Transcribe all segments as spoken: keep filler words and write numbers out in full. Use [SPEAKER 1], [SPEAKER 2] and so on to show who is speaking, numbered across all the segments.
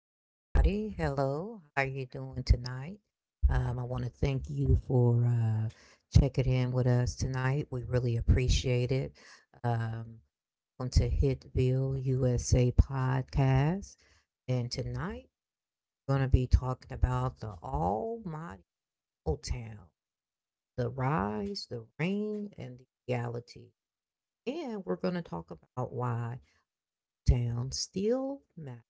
[SPEAKER 1] Hello, everybody. Hello. How are you doing tonight? Um, I want to thank you for uh, checking in with us tonight. We really appreciate it. Um, Welcome to Hitville U S A podcast. And tonight, we're going to be talking about the almighty old town, the rise, the reign, and the reality. And we're going to talk about why town still matters.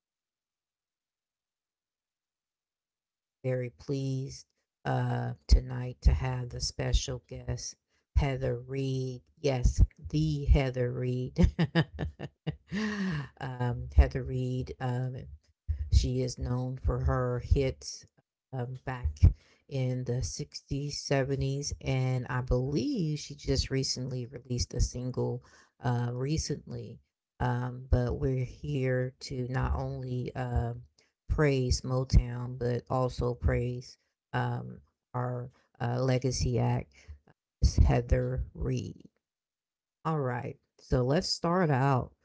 [SPEAKER 1] Very pleased uh, tonight to have the special guest, Heather Reed. Yes, the Heather Reed. um, Heather Reed, um, she is known for her hits um, back in the sixties, seventies, and I believe she just recently released a single uh, recently. Um, but we're here to not only um praise Motown, but also praise um, our uh, legacy act, Miss Heather Reed. All right, so let's start out.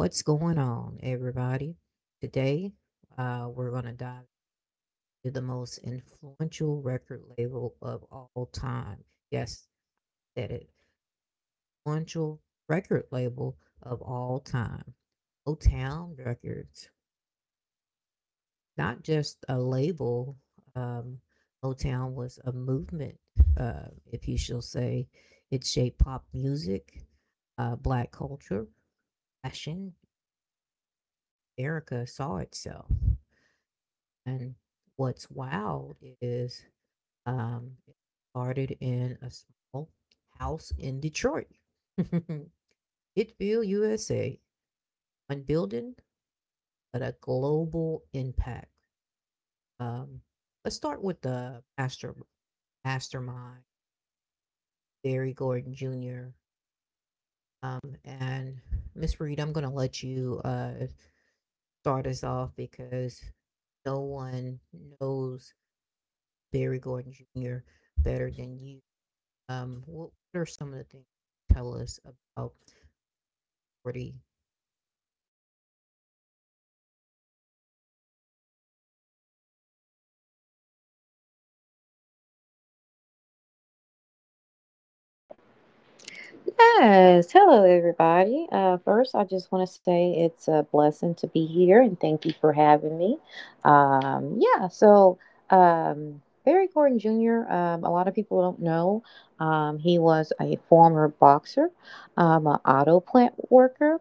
[SPEAKER 1] What's going on, everybody? Today, uh, we're going to dive into the most influential record label of all time. Yes, that influential record label of all time. Motown Records. Not just a label. um, Motown was a movement, uh, if you shall say. It shaped pop music, uh, black culture, fashion. Erica saw itself. And what's wild is, um, it started in a small house in Detroit. Itville, U S A. One building, but a global impact. Um, let's start with the master mastermind, Barry Gordon Junior Um, and Miss Reed, I'm going to let you uh, start us off because no one knows Barry Gordon Junior better than you. Um, what what are some of the things you tell us about poverty?
[SPEAKER 2] Yes, hello everybody. Uh, first, I just want to say it's a blessing to be here and thank you for having me. Um, yeah, so um, Barry Gordon Junior, um, a lot of people don't know, um, he was a former boxer, um, an auto plant worker,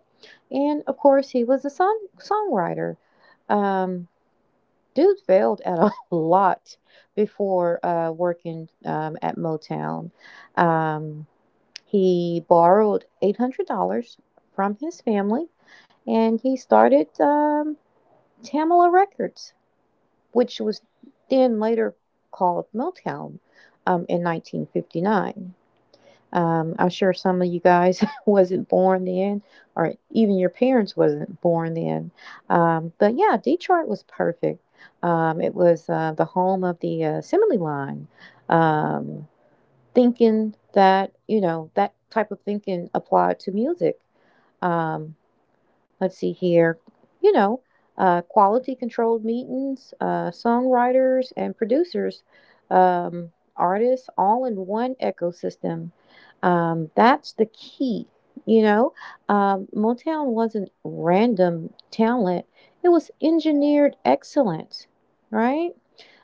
[SPEAKER 2] and of course, he was a song songwriter. Um, Dude failed at a lot before uh, working um, at Motown. Um, he borrowed eight hundred dollars from his family and he started um, Tamala Records, which was then later called Motown um, in nineteen fifty-nine. Um, I'm sure some of you guys wasn't born then, or even your parents wasn't born then. Um, but yeah, Detroit was perfect. Um, it was uh, the home of the uh, Assembly Line. Um, Thinking that, you know, that type of thinking applied to music. Um, let's see here, you know, uh, quality controlled meetings, uh, songwriters and producers, um, artists, all in one ecosystem. Um, that's the key. You know, um, Motown wasn't random talent; it was engineered excellence, right?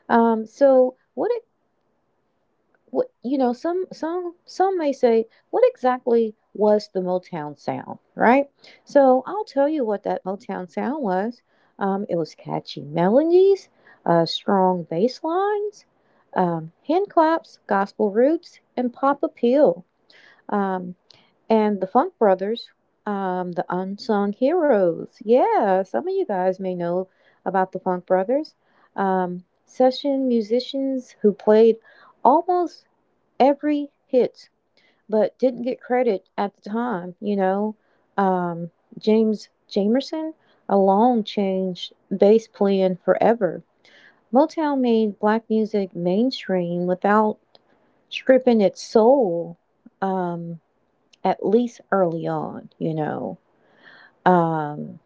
[SPEAKER 2] Um, so, what what you know, some some some may say, what exactly was the Motown sound, right? So I'll tell you what that Motown sound was. Um, it was catchy melodies, uh, strong bass lines, um, hand claps, gospel roots, and pop appeal. Um, and the Funk Brothers, um, the unsung heroes. Yeah, some of you guys may know about the Funk Brothers, um, session musicians who played almost every hit, but didn't get credit at the time. You know, um, James Jamerson alone changed bass playing forever. Motown made black music mainstream without stripping its soul, um, at least early on, you know. Um,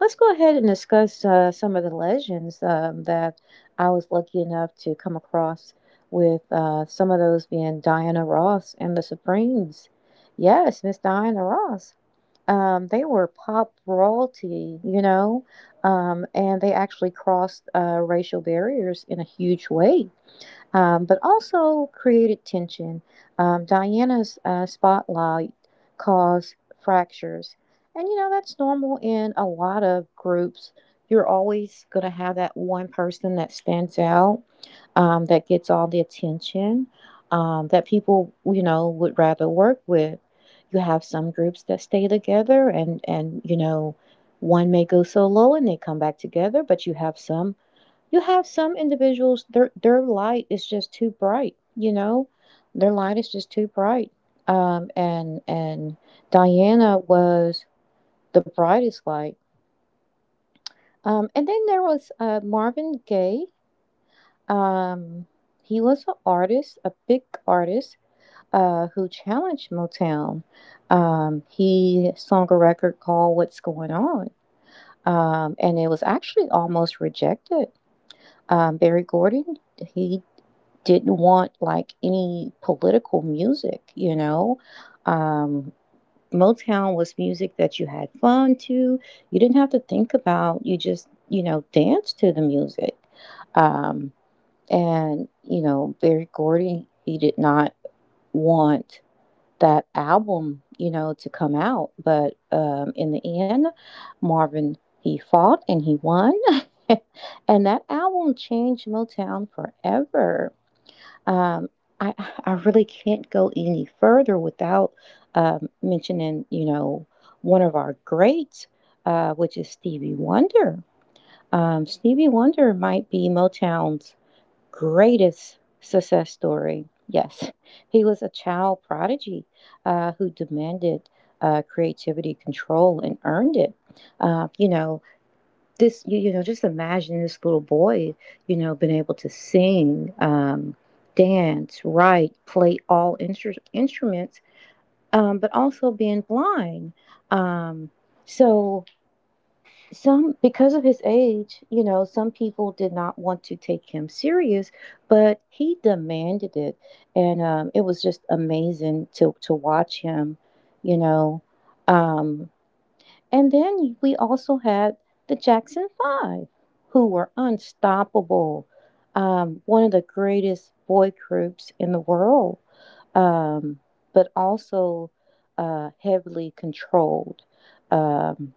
[SPEAKER 2] Let's go ahead and discuss uh, some of the legends um, that I was lucky enough to come across, with uh, some of those being Diana Ross and the Supremes. Yes, Miss Diana Ross. Um, they were pop royalty, you know, um, and they actually crossed uh, racial barriers in a huge way, um, but also created tension. Um, Diana's uh, spotlight caused fractures. And you know, that's normal in a lot of groups. You're always going to have that one person that stands out, um, that gets all the attention, um, that people, you know, would rather work with. You have some groups that stay together, and, and, you know, one may go so low and they come back together, but you have some you have some individuals, their their light is just too bright, you know? Their light is just too bright. Um, and and Diana was the brightest light. Um, and then there was uh, Marvin Gaye. Um, he was an artist, a big artist, uh, who challenged Motown. Um, he sung a record called "What's Going On," um, and it was actually almost rejected. Um, Barry Gordy, he didn't want like any political music, you know. Um, Motown was music that you had fun to. You didn't have to think about. You just, you know, danced to the music. Um, and you know, Barry Gordy, he did not want that album, you know, to come out. But um, in the end, Marvin, he fought and he won, and that album changed Motown forever. Um, I I really can't go any further without um, mentioning, you know, one of our greats, uh, which is Stevie Wonder. Um, Stevie Wonder might be Motown's greatest success story. Yes, he was a child prodigy uh, who demanded uh, creativity, control, and earned it. Uh, you know, this you, you know, just imagine this little boy, you know, been able to sing, um, dance, write, play all instr instruments, um, but also being blind, um, so some, because of his age, you know, some people did not want to take him serious, but he demanded it. And um, it was just amazing to to watch him, you know. Um, and then we also had the Jackson Five, who were unstoppable. Um, one of the greatest boy groups in the world, um, but also uh, heavily controlled. Um,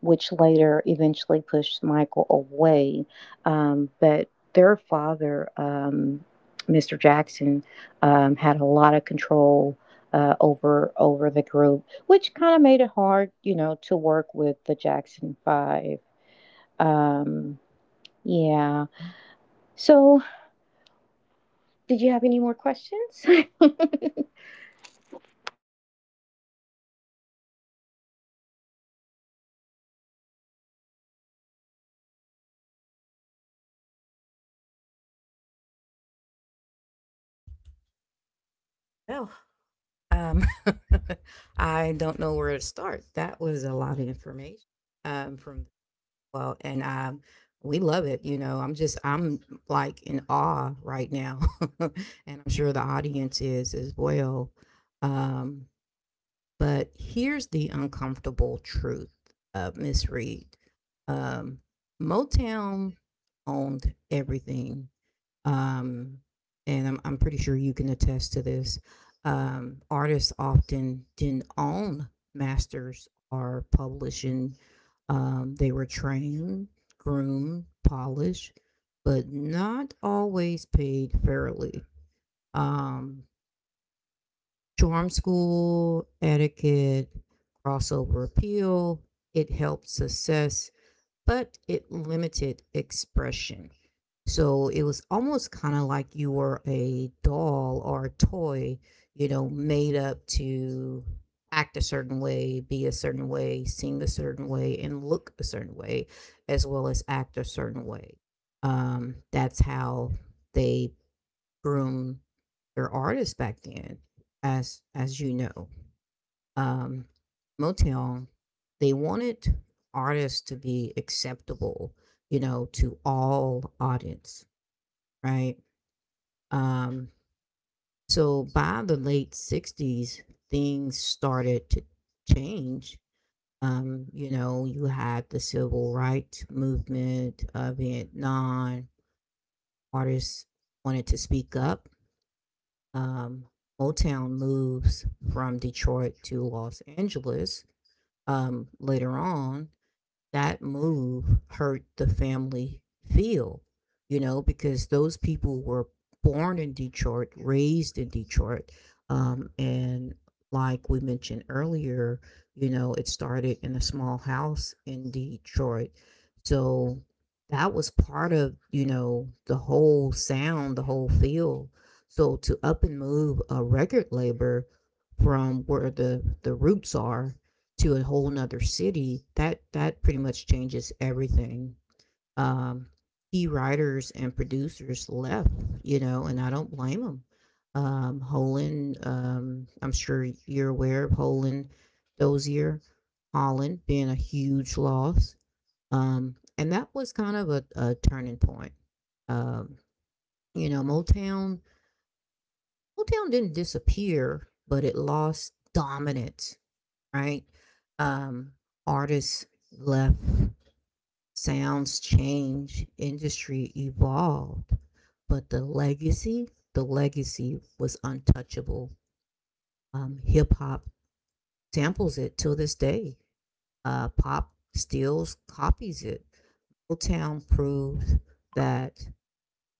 [SPEAKER 2] which later eventually pushed Michael away. Um, but their father, um, Mister Jackson, um, had a lot of control uh, over over the group, which kind of made it hard, you know, to work with the Jackson Five. Um, yeah. So, did you have any more questions?
[SPEAKER 1] Well, um, I don't know where to start. That was a lot of information, um, from, well, and um, we love it. You know, I'm just I'm like in awe right now, and I'm sure the audience is as well. Um, but here's the uncomfortable truth, uh, Miss Reed. Um, Motown owned everything, um, and I'm, I'm pretty sure you can attest to this. Um, artists often didn't own masters or publishing. Um, they were trained, groomed, polished, but not always paid fairly. Um, Charm school, etiquette, crossover appeal, it helped success, but it limited expression. So it was almost kind of like you were a doll or a toy, you know, made up to act a certain way, be a certain way, sing a certain way, and look a certain way, as well as act a certain way. Um, that's how they groom their artists back then, as as you know. Um, Motown, they wanted artists to be acceptable, you know, to all audience, right? Um, so by the late sixties, things started to change. Um, you know, you had the civil rights movement, uh, Vietnam, artists wanted to speak up. Um, Motown moves from Detroit to Los Angeles, um, later on that move hurt the family feel, you know, because those people were born in Detroit, raised in Detroit. Um, and like we mentioned earlier, you know, it started in a small house in Detroit. So that was part of, you know, the whole sound, the whole feel. So to up and move a record label from where the, the roots are to a whole nother city, that that pretty much changes everything. Um, Key writers and producers left, you know, and I don't blame them. Um, Holland, um, I'm sure you're aware of Holland, Dozier, Holland being a huge loss. Um, and that was kind of a, a turning point. Um, you know, Motown, Motown didn't disappear, but it lost dominance, right? Um, Artists left, sounds change, industry evolved, but the legacy, the legacy was untouchable. Um, Hip hop samples it till this day. Uh, pop steals, copies it. Motown proved that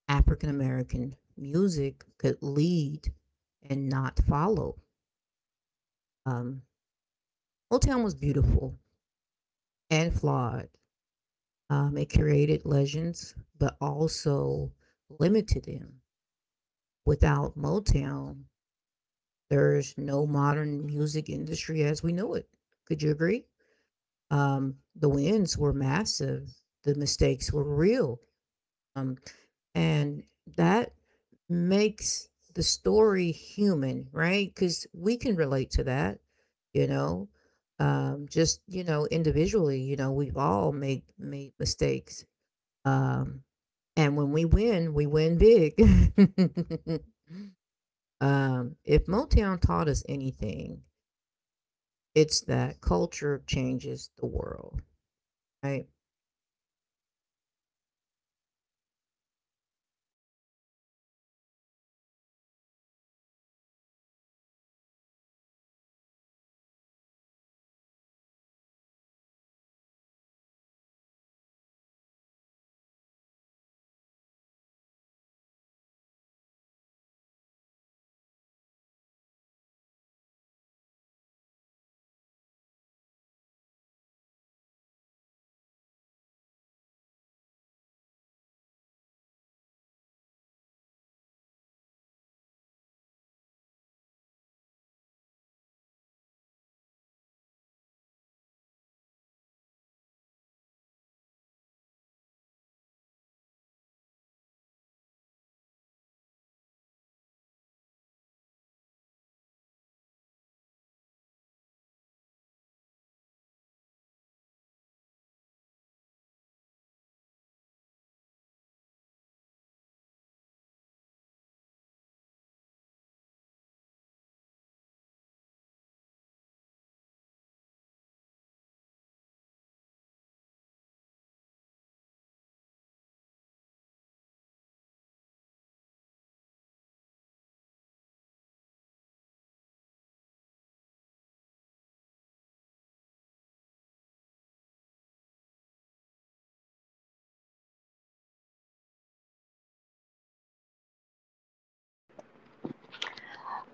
[SPEAKER 1] African American music could lead and not follow. Um, Motown was beautiful and flawed. Um, it created legends, but also limited them. Without Motown, there's no modern music industry as we know it. Could you agree? Um, the wins were massive, the mistakes were real. Um, and that makes the story human, right? Because we can relate to that, you know. Um, just, you know, individually, you know, we've all made made mistakes, um, and when we win, we win big. um, if Motown taught us anything, it's that culture changes the world, right?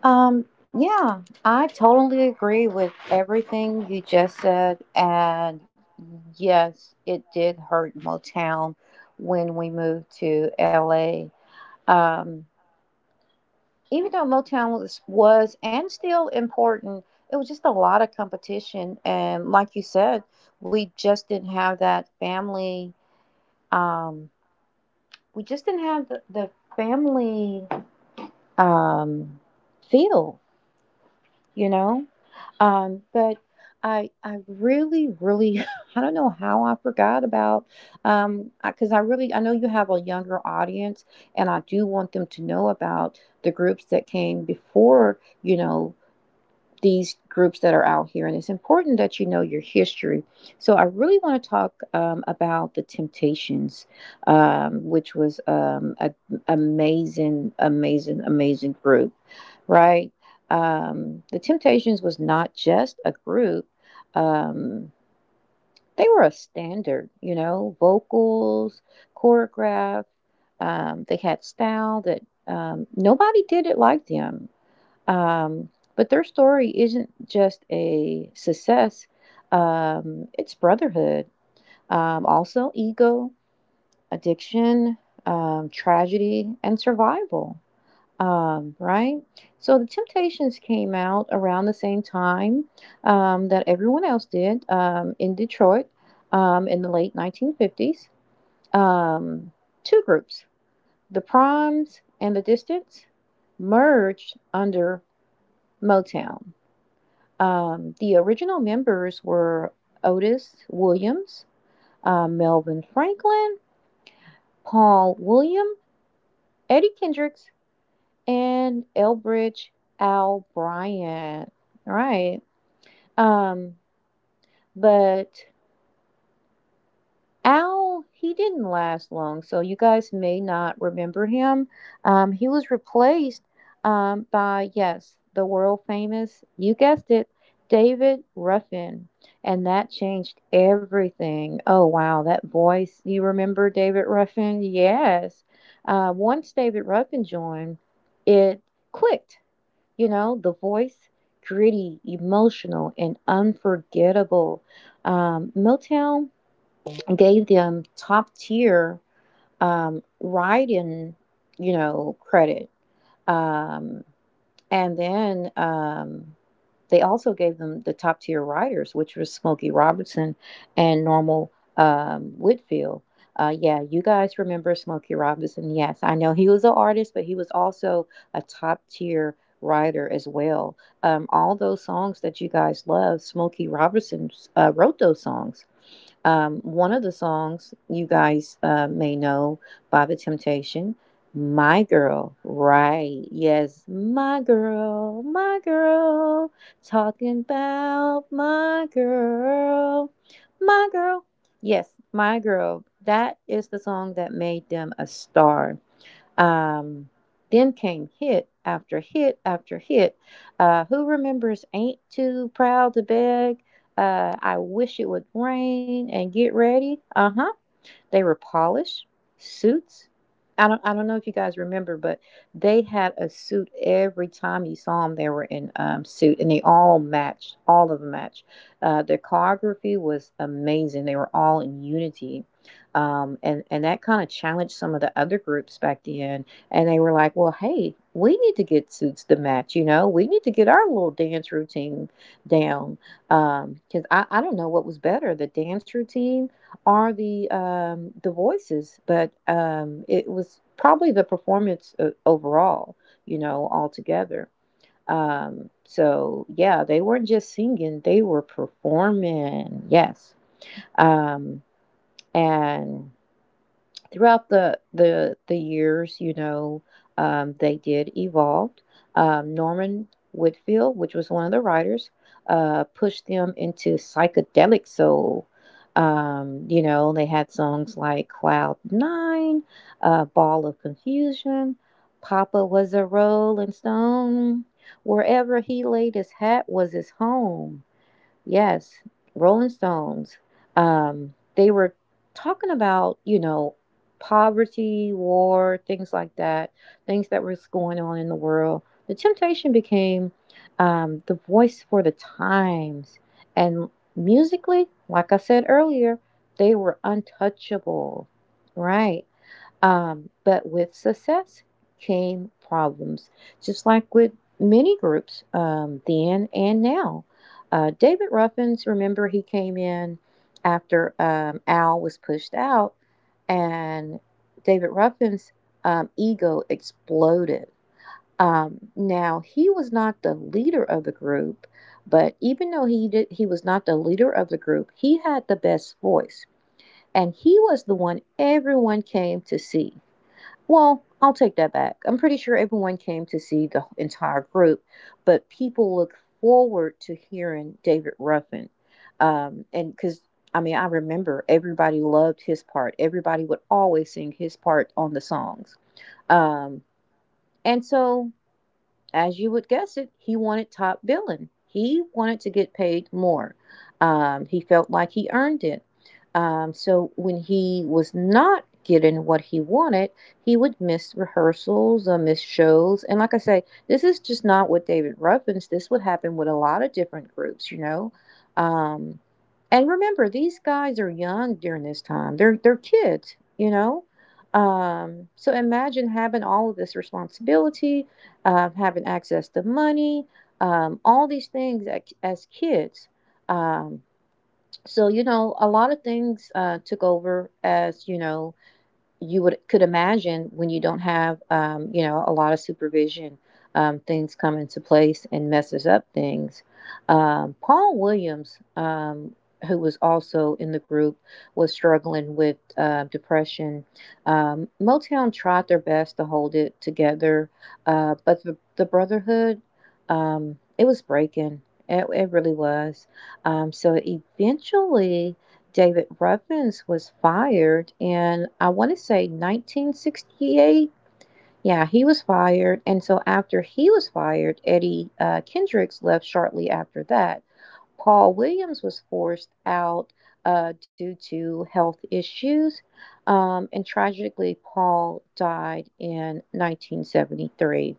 [SPEAKER 2] Um, yeah, I totally agree with everything you just said. And yes, it did hurt Motown when we moved to L A. Um, Even though Motown was, was and still important, it was just a lot of competition. And like you said, we just didn't have that family. Um, we just didn't have the, the family um, feel, you know? Um, but I I really really I don't know how I forgot about, um because I really I know you have a younger audience, and I do want them to know about the groups that came before, you know, these groups that are out here, and it's important that you know your history. So, I really want to talk um, about the Temptations, um, which was um, an amazing, amazing, amazing group, right? Um, the Temptations was not just a group. Um, they were a standard, you know, vocals, choreograph. Um, they had style that, um, nobody did it like them. Um, but their story isn't just a success, um, it's brotherhood, um, also ego, addiction, um, tragedy, and survival. Um, right? So the Temptations came out around the same time um, that everyone else did um, in Detroit um, in the late nineteen fifties. Um, Two groups, the Proms and the Distance, merged under Motown. Um, the original members were Otis Williams, uh, Melvin Franklin, Paul William, Eddie Kendricks, and Elbridge Al Bryant. All right. Um, but Al, he didn't last long, so you guys may not remember him. Um, he was replaced um, by, yes, the world famous, you guessed it, David Ruffin. And that changed everything. Oh, wow, that voice. You remember David Ruffin? Yes. Uh, once David Ruffin joined, it clicked. You know, the voice, gritty, emotional, and unforgettable. Um, Motown gave them top tier um, writing, you know, credit. Um, and then um, They also gave them the top tier writers, which was Smokey Robertson and Normal um, Whitfield. Uh, yeah, you guys remember Smokey Robinson. Yes, I know he was an artist, but he was also a top tier writer as well. Um, all those songs that you guys love, Smokey Robertson uh, wrote those songs. Um, one of the songs you guys uh, may know by The Temptation, My Girl, right? Yes, my girl, my girl, talking about my girl, my girl. Yes, my girl. That is the song that made them a star, um, then came hit after hit after hit. Uh, who remembers Ain't Too Proud to Beg? Uh, I wish it would rain and get ready. Uh huh. They were polished suits. I don't I don't know if you guys remember, but they had a suit every time you saw them. They were in, um, suit, and they all matched. All of them matched. Uh, their choreography was amazing. They were all in unity, um, and and that kind of challenged some of the other groups back then. And they were like, "Well, hey, we need to get suits to match. You know, we need to get our little dance routine down." Because um, I I don't know what was better, the dance routine are the um, the voices, but um, it was probably the performance o- overall, you know, altogether. Um, so yeah, they weren't just singing; they were performing. Yes, um, and throughout the the the years, you know, um, they did evolve. Um, Norman Whitfield, which was one of the writers, uh, pushed them into psychedelic soul. Um, you know, they had songs like Cloud Nine, uh, Ball of Confusion, Papa was a Rolling Stone. Wherever he laid his hat was his home. Yes, Rolling Stones. Um, they were talking about, you know, poverty, war, things like that, things that was going on in the world. The Temptation became um, the voice for the times. And musically, like I said earlier, they were untouchable, right? Um, but with success came problems, just like with many groups um, then and now. Uh, David Ruffins, remember, he came in after um, Al was pushed out, and David Ruffin's um, ego exploded. Um, now he was not the leader of the group, but even though he did, he was not the leader of the group, he had the best voice, and he was the one everyone came to see. Well, I'll take that back. I'm pretty sure everyone came to see the entire group, but people look forward to hearing David Ruffin. Um, and Because, I mean, I remember everybody loved his part, everybody would always sing his part on the songs. Um, and So as you would guess it, he wanted top billing. He wanted to get paid more. Um, he felt like he earned it. Um, so when he was not getting what he wanted, he would miss rehearsals or miss shows. And like I say, this is just not what David Ruffins. This would happen with a lot of different groups, you know. Um, and remember, these guys are young during this time. They're they're kids, you know. Um, so imagine having all of this responsibility, um, having access to money, um, all these things as, as kids. Um, so, you know, a lot of things uh, took over as, you know, you would could imagine when you don't have um, you know a lot of supervision, um, things come into place and messes up things. um, Paul Williams, um, who was also in the group, was struggling with uh, depression. um, Motown tried their best to hold it together, uh, but the, the brotherhood, um, it was breaking. It, it really was. Um, so eventually David Ruffins was fired in, I want to say, nineteen sixty-eight. Yeah, he was fired. And so after he was fired, Eddie uh, Kendricks left shortly after that. Paul Williams was forced out uh, due to health issues. Um, and tragically, Paul died in nineteen seventy-three.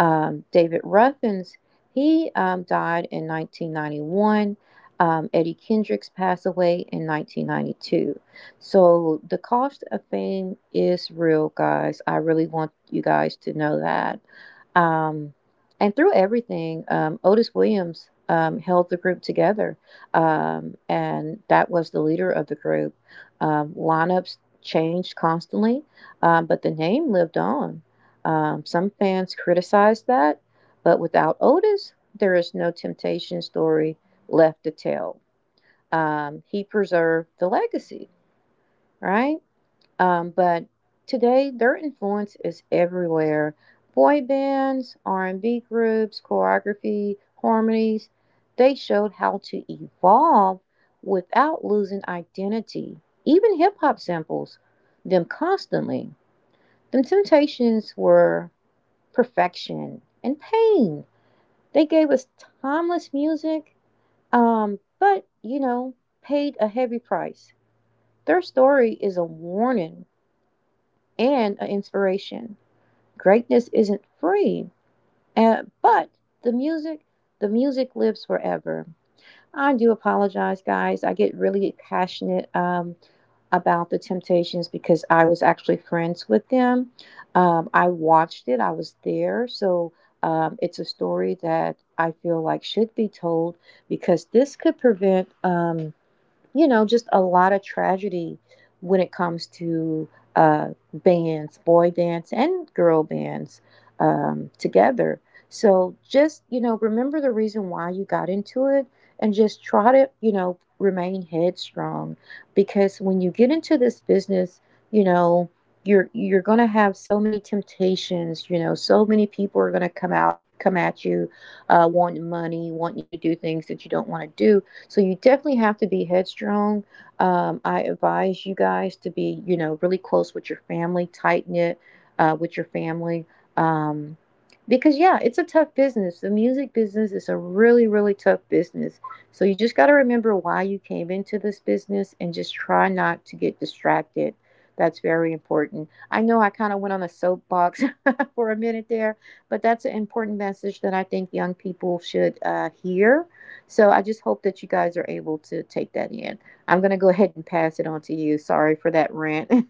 [SPEAKER 2] Um, David Ruffins, he um, died in nineteen ninety-one. Um, Eddie Kendricks passed away in nineteen ninety-two. So the cost of fame is real, guys. I really want you guys to know that. Um, and through everything, um, Otis Williams um, held the group together, um, and that was the leader of the group. Um, lineups changed constantly, um, but the name lived on. Um, some fans criticize that, but without Otis, there is no temptation story left to tell. Um, he preserved the legacy, right? Um, but today, their influence is everywhere. Boy bands, R and B groups, choreography, harmonies, they showed how to evolve without losing identity. Even hip hop samples them constantly. Them temptations were perfection and pain. They gave us timeless music, um, but you know, paid a heavy price. Their story is a warning and an inspiration. Greatness isn't free, uh, but the music, the music lives forever. I do apologize, guys. I get really passionate um, about the Temptations because I was actually friends with them. Um, I watched it, I was there. So um, it's a story that I feel like should be told because this could prevent. Um, you know, just a lot of tragedy when it comes to uh, bands, boy bands and girl bands um, together. So just, you know, remember the reason why you got into it and just try to, you know, remain headstrong because when you get into this business, you know, you're you're going to have so many temptations, you know, so many people are going to come out come at you, uh, wanting money, want you to do things that you don't want to do, so you definitely have to be headstrong. Um, I advise you guys to be, you know, really close with your family, tight knit uh, with your family. Um, because, yeah, it's a tough business. The music business is a really, really tough business. So you just got to remember why you came into this business and just try not to get distracted. That's very important. I know I kind of went on a soapbox for a minute there, but that's an important message that I think young people should uh, hear, so I just hope that you guys are able to take that in. I'm going to go ahead and pass it on to you. Sorry for that rant.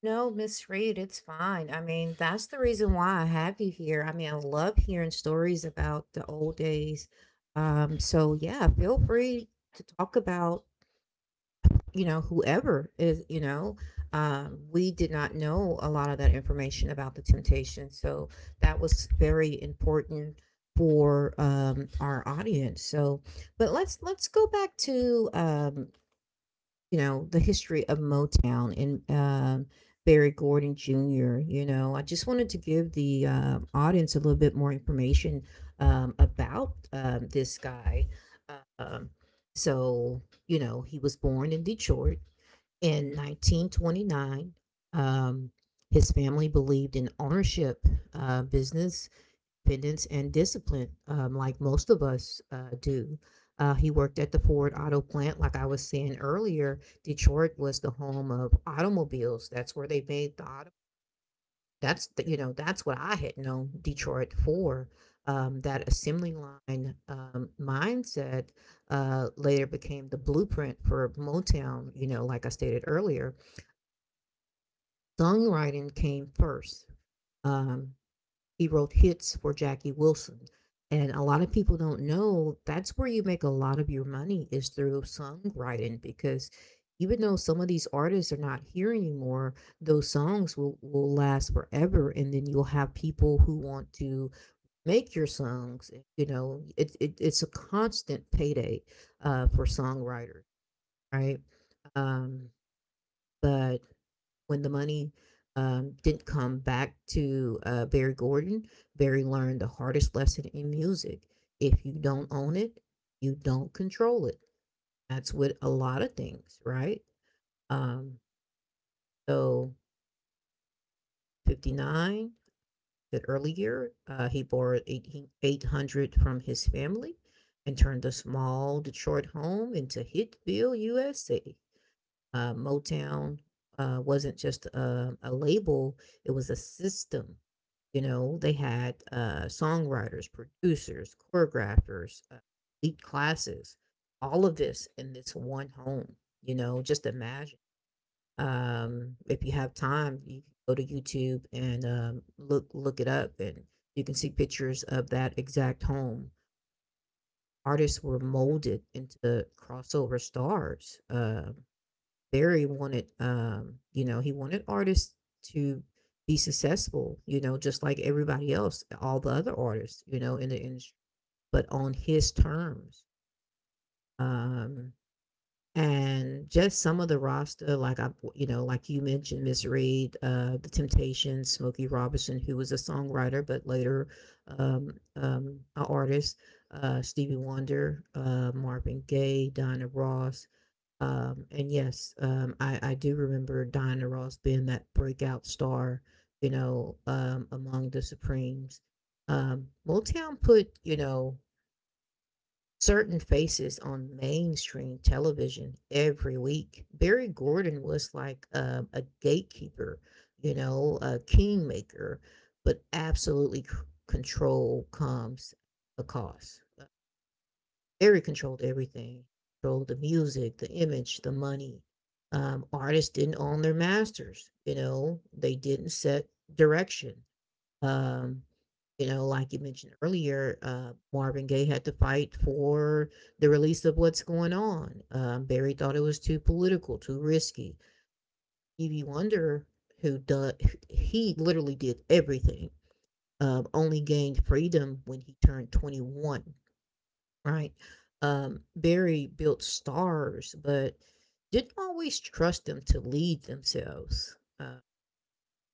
[SPEAKER 1] No, Miss Reed, it's fine. I mean, that's the reason why I have you here. I mean, I love hearing stories about the old days. Um, so yeah, feel free to talk about, you know, whoever is, you know. Um, we did not know a lot of that information about the temptation, so that was very important for, um, our audience. So but let's let's go back to, um, you know, the history of Motown, and, um, Barry Gordon Jr. You know, I just wanted to give the uh, audience a little bit more information, um, about, um, this guy. Um, so you know he was born in Detroit in nineteen twenty-nine. um, his family believed in ownership, uh, business, independence, and discipline, um, like most of us uh, do. Uh, he worked at the Ford Auto plant. Like I was saying earlier, Detroit was the home of automobiles. That's where they made the auto. That's the, you know, that's what I had known Detroit for. Um, that assembly line um, mindset uh, later became the blueprint for Motown. You know, like I stated earlier, songwriting came first. Um, he wrote hits for Jackie Wilson. And a lot of people don't know that's where you make a lot of your money is through songwriting, because even though some of these artists are not here anymore, those songs will, will last forever. And then you'll have people who want to make your songs. You know, it, it, it's a constant payday uh, for songwriters, right? Um, but when the money um, didn't come back to uh, Barry Gordon, Barry learned the hardest lesson in music. If you don't own it, you don't control it. That's with a lot of things, right? Um, so fifty-nine, that earlier, uh, he borrowed 18 800 from his family and turned a small Detroit home into Hitville, U S A. Uh, Motown uh, wasn't just a, a label, it was a system. You know, they had uh, songwriters, producers, choreographers, uh, lead classes, all of this in this one home. You know, just imagine. Um, if you have time, you can go to YouTube and, um, look look it up, and you can see pictures of that exact home. Artists were molded into crossover stars. Um, Barry wanted, um, you know, he wanted artists to be successful, you know, just like everybody else, all the other artists, you know, in the industry, but on his terms. Um, and just some of the roster, like I, you know, like you mentioned, Miss Reed, uh, The Temptations, Smokey Robinson, who was a songwriter but later, um, um, an artist, uh, Stevie Wonder, uh, Marvin Gaye, Donna Ross, um, and yes, um, I, I do remember Diana Ross being that breakout star, you know, um, among the Supremes. Um, Motown put, you know, certain faces on mainstream television every week. Barry Gordon was like, um, a gatekeeper, you know, a kingmaker, but absolutely c- control comes a cost. Very controlled everything. Controlled the music, the image, the money. Um, artists didn't own their masters, you know, they didn't set direction. Um, you know, like you mentioned earlier, uh, Marvin Gaye had to fight for the release of "What's Going On." Um, Barry thought it was too political, too risky. Stevie Wonder, who does, he literally did everything. Um, only gained freedom when he turned twenty-one. Right. Um, Barry built stars, but didn't always trust them to lead themselves. Uh,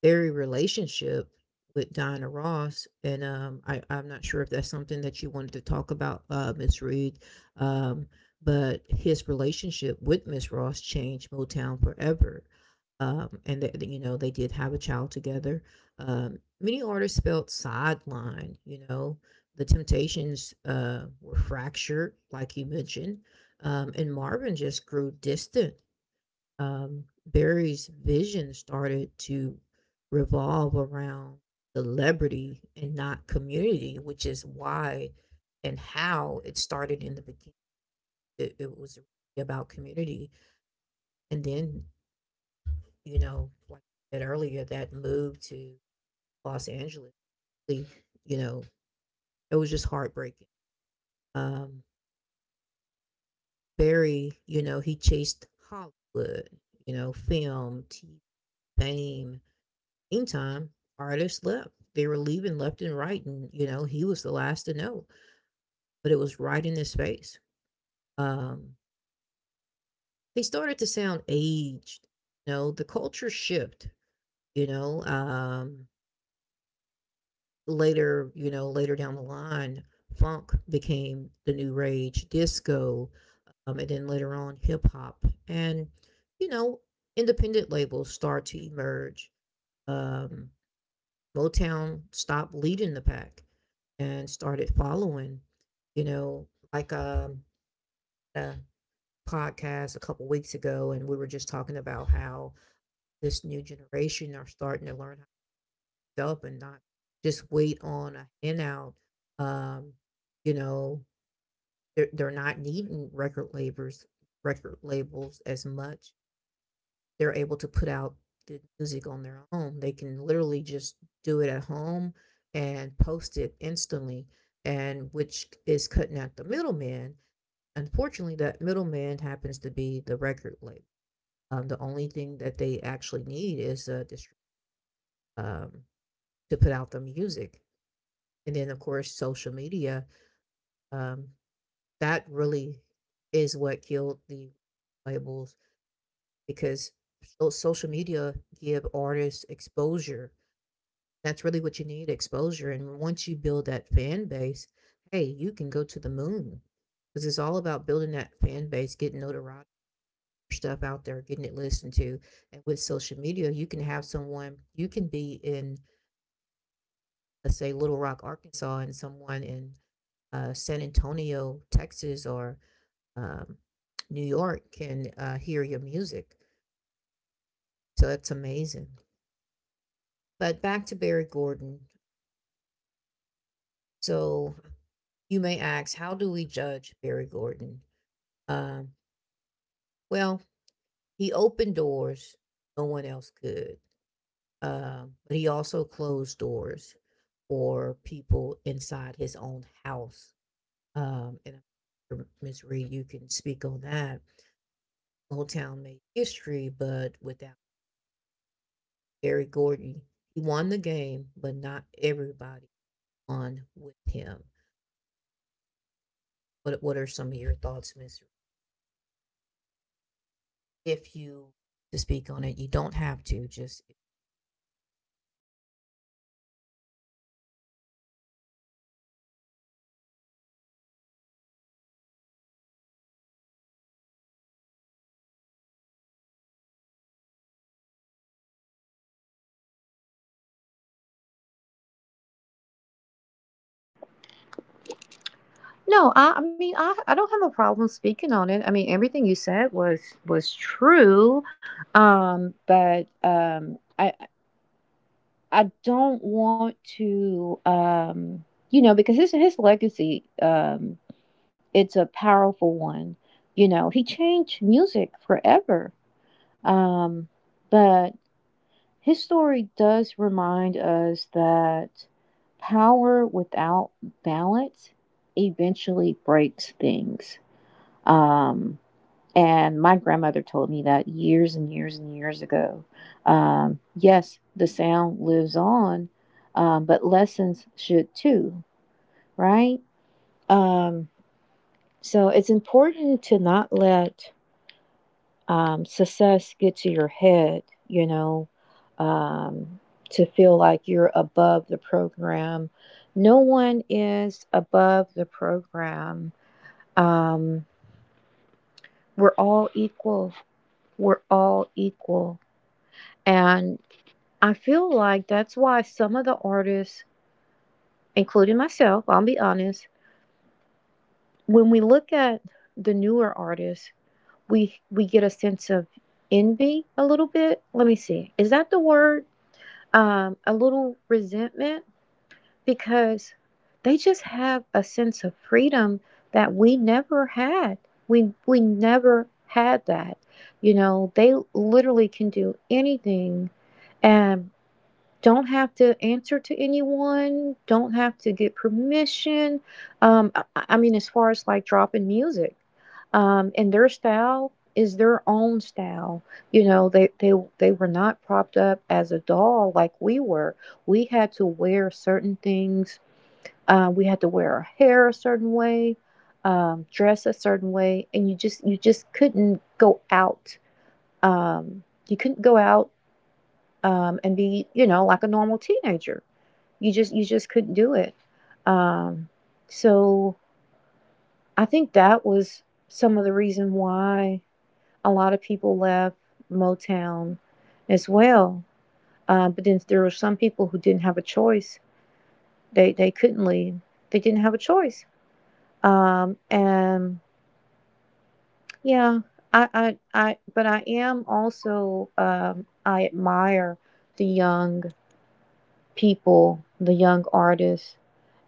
[SPEAKER 1] Very relationship with Diana Ross, and, um, I, I'm not sure if that's something that you wanted to talk about, uh, Miss Reed. Um, but his relationship with Miss Ross changed Motown forever. Um, and that, you know, they did have a child together. Um, many artists felt sidelined. You know, the Temptations uh, were fractured, like you mentioned, um, and Marvin just grew distant. um, Barry's vision started to revolve around celebrity and not community, which is why and how it started in the beginning. It, it was really about community. And then, you know, like I said earlier, that move to Los Angeles, really, you know, it was just heartbreaking. Um, Barry, you know, he chased Hollywood, you know, film, T V, fame. Meantime, artists left. They were leaving left and right, and you know he was the last to know, but it was right in his face. Um, they started to sound aged. You know, the culture shift. You know, um, later, you know, later down the line, funk became the new rage, disco, um, and then later on, hip hop, and you know, independent labels start to emerge. Um, Motown stopped leading the pack and started following, you know, like um, a podcast a couple weeks ago, and we were just talking about how this new generation are starting to learn how to develop and not just wait on a handout. Um, you know, they're, they're not needing record labels, record labels as much, they're able to put out the music on their own. They can literally just do it at home and post it instantly, and which is cutting out the middleman. Unfortunately, that middleman happens to be the record label. Um, the only thing that they actually need is a distri- um, to put out the music, and then of course social media. Um, that really is what killed the labels because so- social media give artists exposure. That's really what you need, exposure, and once you build that fan base, hey, you can go to the moon, because it's all about building that fan base, getting notoriety, stuff out there, getting it listened to, and with social media, you can have someone, you can be in, let's say, Little Rock, Arkansas, and someone in, uh, San Antonio, Texas, or, um, New York can, uh, hear your music, so that's amazing. But back to Barry Gordon. So, you may ask, how do we judge Barry Gordon? Um, well, he opened doors no one else could, um, but he also closed doors for people inside his own house. Um, and I'm sure, Miss Reed, you can speak on that. Motown made history, but without Barry Gordy, he won the game, but not everybody won with him. What What are some of your thoughts, Miss Reed? If you to speak on it, you don't have to. Just—
[SPEAKER 2] No, I, I mean I, I don't have a problem speaking on it. I mean everything you said was was true, um, but um, I I don't want to um, you know because his his legacy, um, it's a powerful one. You know he changed music forever, um, but his story does remind us that power without balance eventually breaks things. Um, and my grandmother told me that years and years and years ago. Um, yes, the sound lives on, um, but lessons should too, right? Um, so it's important to not let um, success get to your head, you know, um, to feel like you're above the program. No one is above the program. Um, we're all equal. We're all equal. And I feel like that's why some of the artists, including myself, I'll be honest, when we look at the newer artists, we we get a sense of envy a little bit. Let me see. Is that the word? Um, a little resentment because they just have a sense of freedom that we never had. We we never had that. You know, they literally can do anything and don't have to answer to anyone, don't have to get permission. Um, I, I mean, as far as like dropping music, um, and their style is their own style. You know, they they they were not propped up as a doll like we were. We had to wear certain things. Uh, we had to wear our hair a certain way, um, dress a certain way, and you just you just couldn't go out. Um, you couldn't go out um, and be you know like a normal teenager. You just you just couldn't do it. Um, so I think that was some of the reason why a lot of people left Motown as well, uh, but then there were some people who didn't have a choice. They they couldn't leave. They didn't have a choice. Um, and yeah, I, I I but I am also um, I admire the young people, the young artists,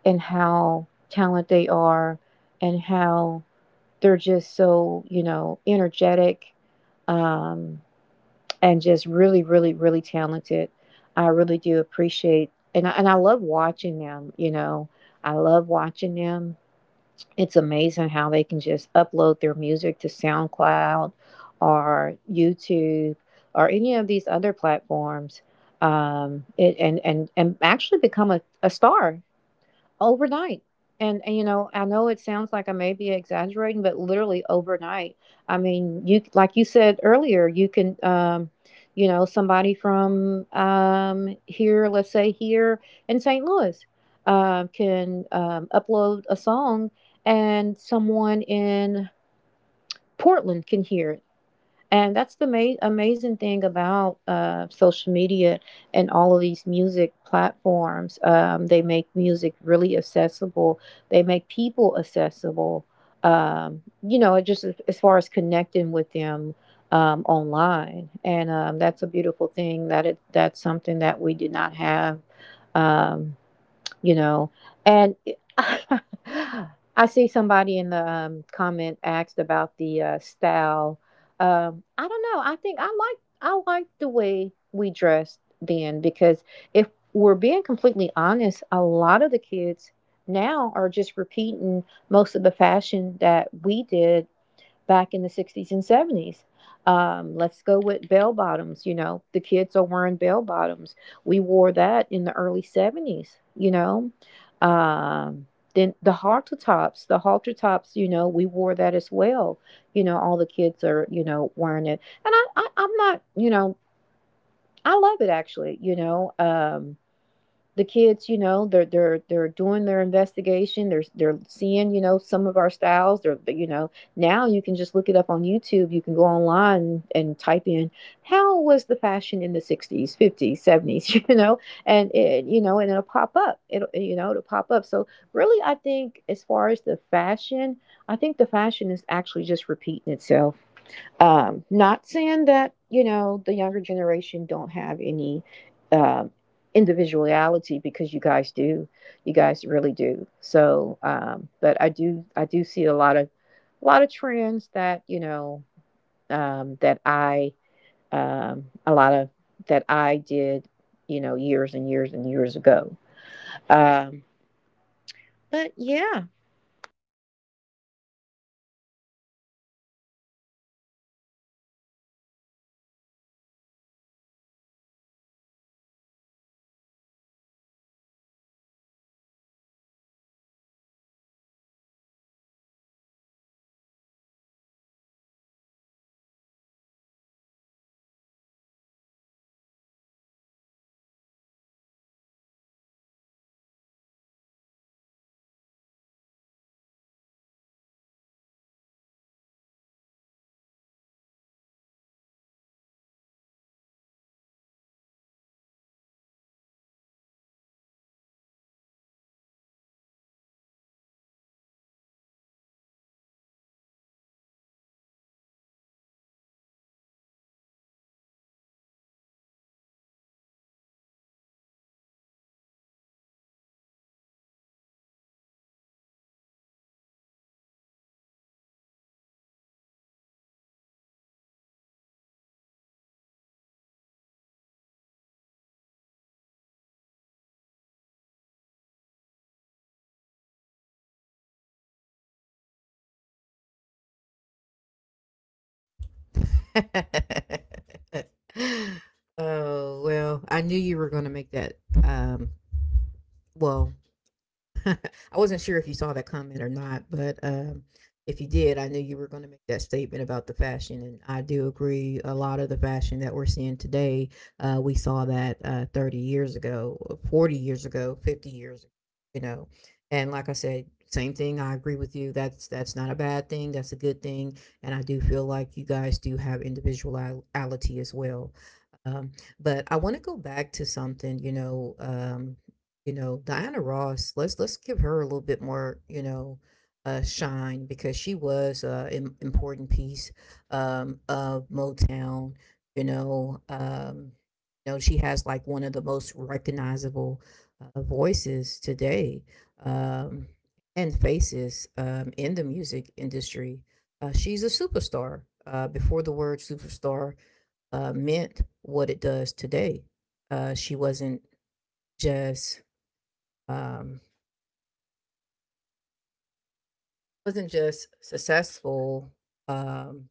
[SPEAKER 2] and how talented they are and how they're just so, you know, energetic, um, and just really, really, really talented. I really do appreciate and I, and I love watching them, you know. I love watching them. It's amazing how they can just upload their music to SoundCloud or YouTube or any of these other platforms, um, it, and, and, and actually become a, a star overnight. And, and, you know, I know it sounds like I may be exaggerating, but literally overnight. I mean, you like you said earlier, you can, um, you know, somebody from um, here, let's say here in Saint Louis, um, can um, upload a song, and someone in Portland can hear it, and that's the ma- amazing thing about uh, social media and all of these music platforms. Um, they make music really accessible, they make people accessible. Um, you know, it just as as far as connecting with them um, online, and um, that's a beautiful thing. That it that's something that we did not have. Um, you know and I see somebody in the um, comment asked about the uh, style. um, I don't know, i think i like i like the way we dressed then because if we're being completely honest, a lot of the kids now are just repeating most of the fashion that we did back in the sixties and seventies. Um, let's go with bell bottoms. You know, the kids are wearing bell bottoms. We wore that in the early seventies, you know. Um, then the halter tops, the halter tops, you know, we wore that as well. You know, all the kids are, you know, wearing it. And I, I I'm not, you know, I love it actually, you know. Um, the kids, you know, they're they're they're doing their investigation. They're they're seeing, you know, some of our styles. They're you know now you can just look it up on YouTube. You can go online and type in how was the fashion in the sixties, fifties, seventies, you know, and it you know, and it'll pop up. It'll you know it'll pop up. So really, I think as far as the fashion, I think the fashion is actually just repeating itself. Um, not saying that you know the younger generation don't have any um individuality because you guys do, you guys really do. So, um, but I do, I do see a lot of, a lot of trends that you know um, that I, um, a lot of that I did, you know, years and years and years ago. Um, but yeah,
[SPEAKER 1] oh well, I knew you were going to make that. Um, well, I wasn't sure if you saw that comment or not, but um, if you did, I knew you were going to make that statement about the fashion, and I do agree. A lot of the fashion that we're seeing today, uh, we saw that uh, thirty years ago, uh, forty years ago, fifty years ago, you know. And like I said, same thing. I agree with you. That's that's not a bad thing. That's a good thing. And I do feel like you guys do have individuality as well. Um, but I want to go back to something, you know, um, you know, Diana Ross, let's let's give her a little bit more, you know, uh, shine because she was uh, an important piece um, of Motown. You know, um, you know, she has like one of the most recognizable uh, voices today um, and faces um, in the music industry. Uh, she's a superstar. Uh, before the word superstar uh, meant what it does today, uh, she wasn't just um, wasn't just successful, um,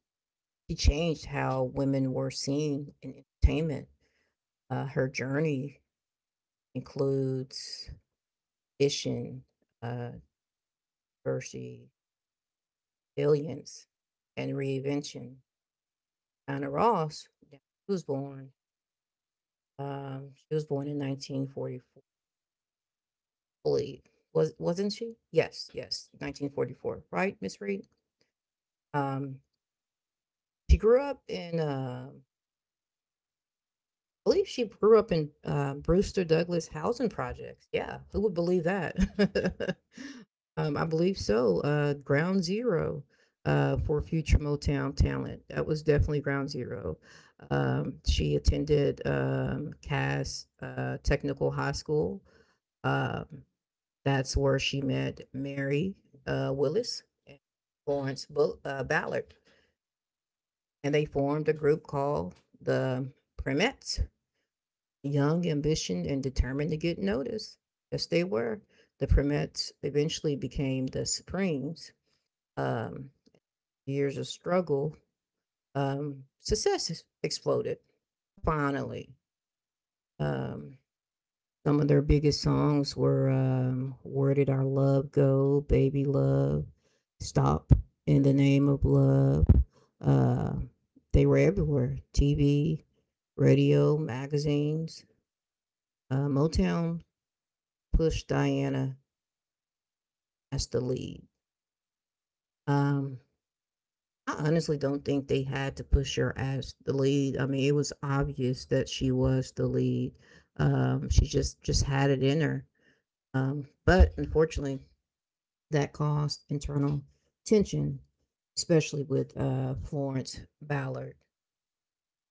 [SPEAKER 1] she changed how women were seen in entertainment. Uh, her journey includes vision, uh, diversity, resilience, and reinvention. Diana Ross, yeah, she was born. Um, she was born in nineteen forty-four, believe. Was wasn't she? Yes, yes, nineteen forty-four. Right, Miss Reed. Um, she grew up in uh, believe she grew up in uh, Brewster Douglas housing projects. Yeah, who would believe that? um, I believe so. Uh, ground zero uh, for future Motown talent. That was definitely ground zero. Um, she attended um, Cass uh, Technical High School. Um, that's where she met Mary uh, Willis and Florence Bull- uh, Ballard, and they formed a group called the Primettes, young, ambition, and determined to get noticed. Yes, they were. The Primettes eventually became the Supremes. Um, Years of struggle, um, success exploded. Finally, um, some of their biggest songs were um, "Where Did Our Love Go," "Baby Love," "Stop," "In the Name of Love." Uh, they were everywhere: T V, radio, magazines. Uh, Motown pushed Diana as the lead. Um, I honestly don't think they had to push her as the lead. I mean, it was obvious that she was the lead. Um, she just just had it in her. Um, but unfortunately, that caused internal tension, especially with uh, Florence Ballard.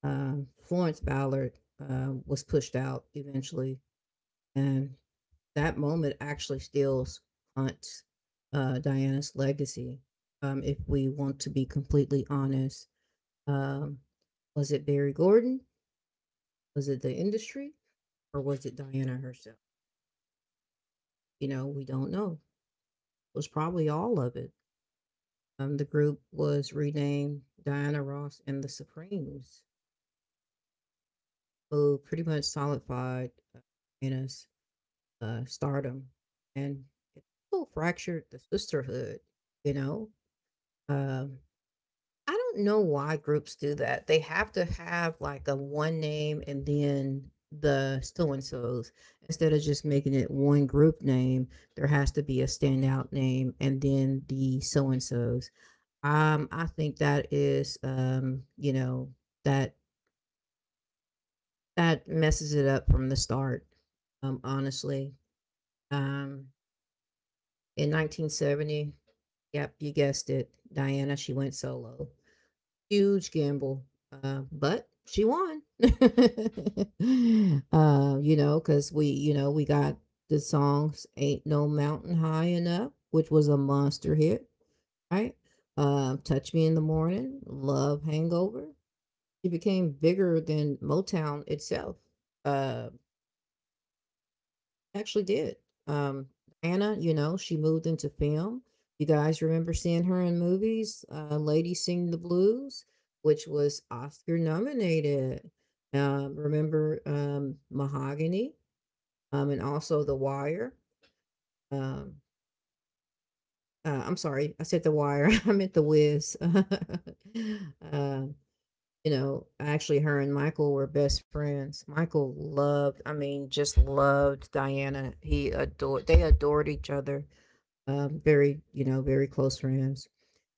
[SPEAKER 1] Um, Florence Ballard uh, was pushed out eventually, and that moment actually steals Aunt, uh, Diana's legacy, um, if we want to be completely honest. Um, was it Barry Gordon? Was it the industry? Or was it Diana herself? You know, we don't know. It was probably all of it. Um, the group was renamed Diana Ross and the Supremes, who pretty much solidified uh, Diana's uh, stardom. And it still fractured the sisterhood, you know? Um, I don't know why groups do that. They have to have like a one name and then the so and so's. Instead of just making it one group name, there has to be a standout name and then the so and so's. Um, I think that is, um, you know, that that messes it up from the start. Um, honestly, um, in nineteen seventy, yep, you guessed it, Diana. She went solo. Huge gamble, uh, but she won. Uh, you know, because we, you know, we got the songs "Ain't No Mountain High Enough," which was a monster hit, right? Uh, "Touch Me in the Morning," "Love Hangover." She became bigger than Motown itself. Uh, Actually did. Um, Anna, you know, she moved into film. You guys remember seeing her in movies, uh, Lady Sing the Blues, which was Oscar nominated. Um, remember um, Mahogany um, and also The Wire. Um, uh, I'm sorry, I said The Wire. I meant The Wiz. uh, you know, actually, her and Michael were best friends. Michael loved, I mean, just loved Diana. He adored, they adored each other, um, very, you know, very close friends,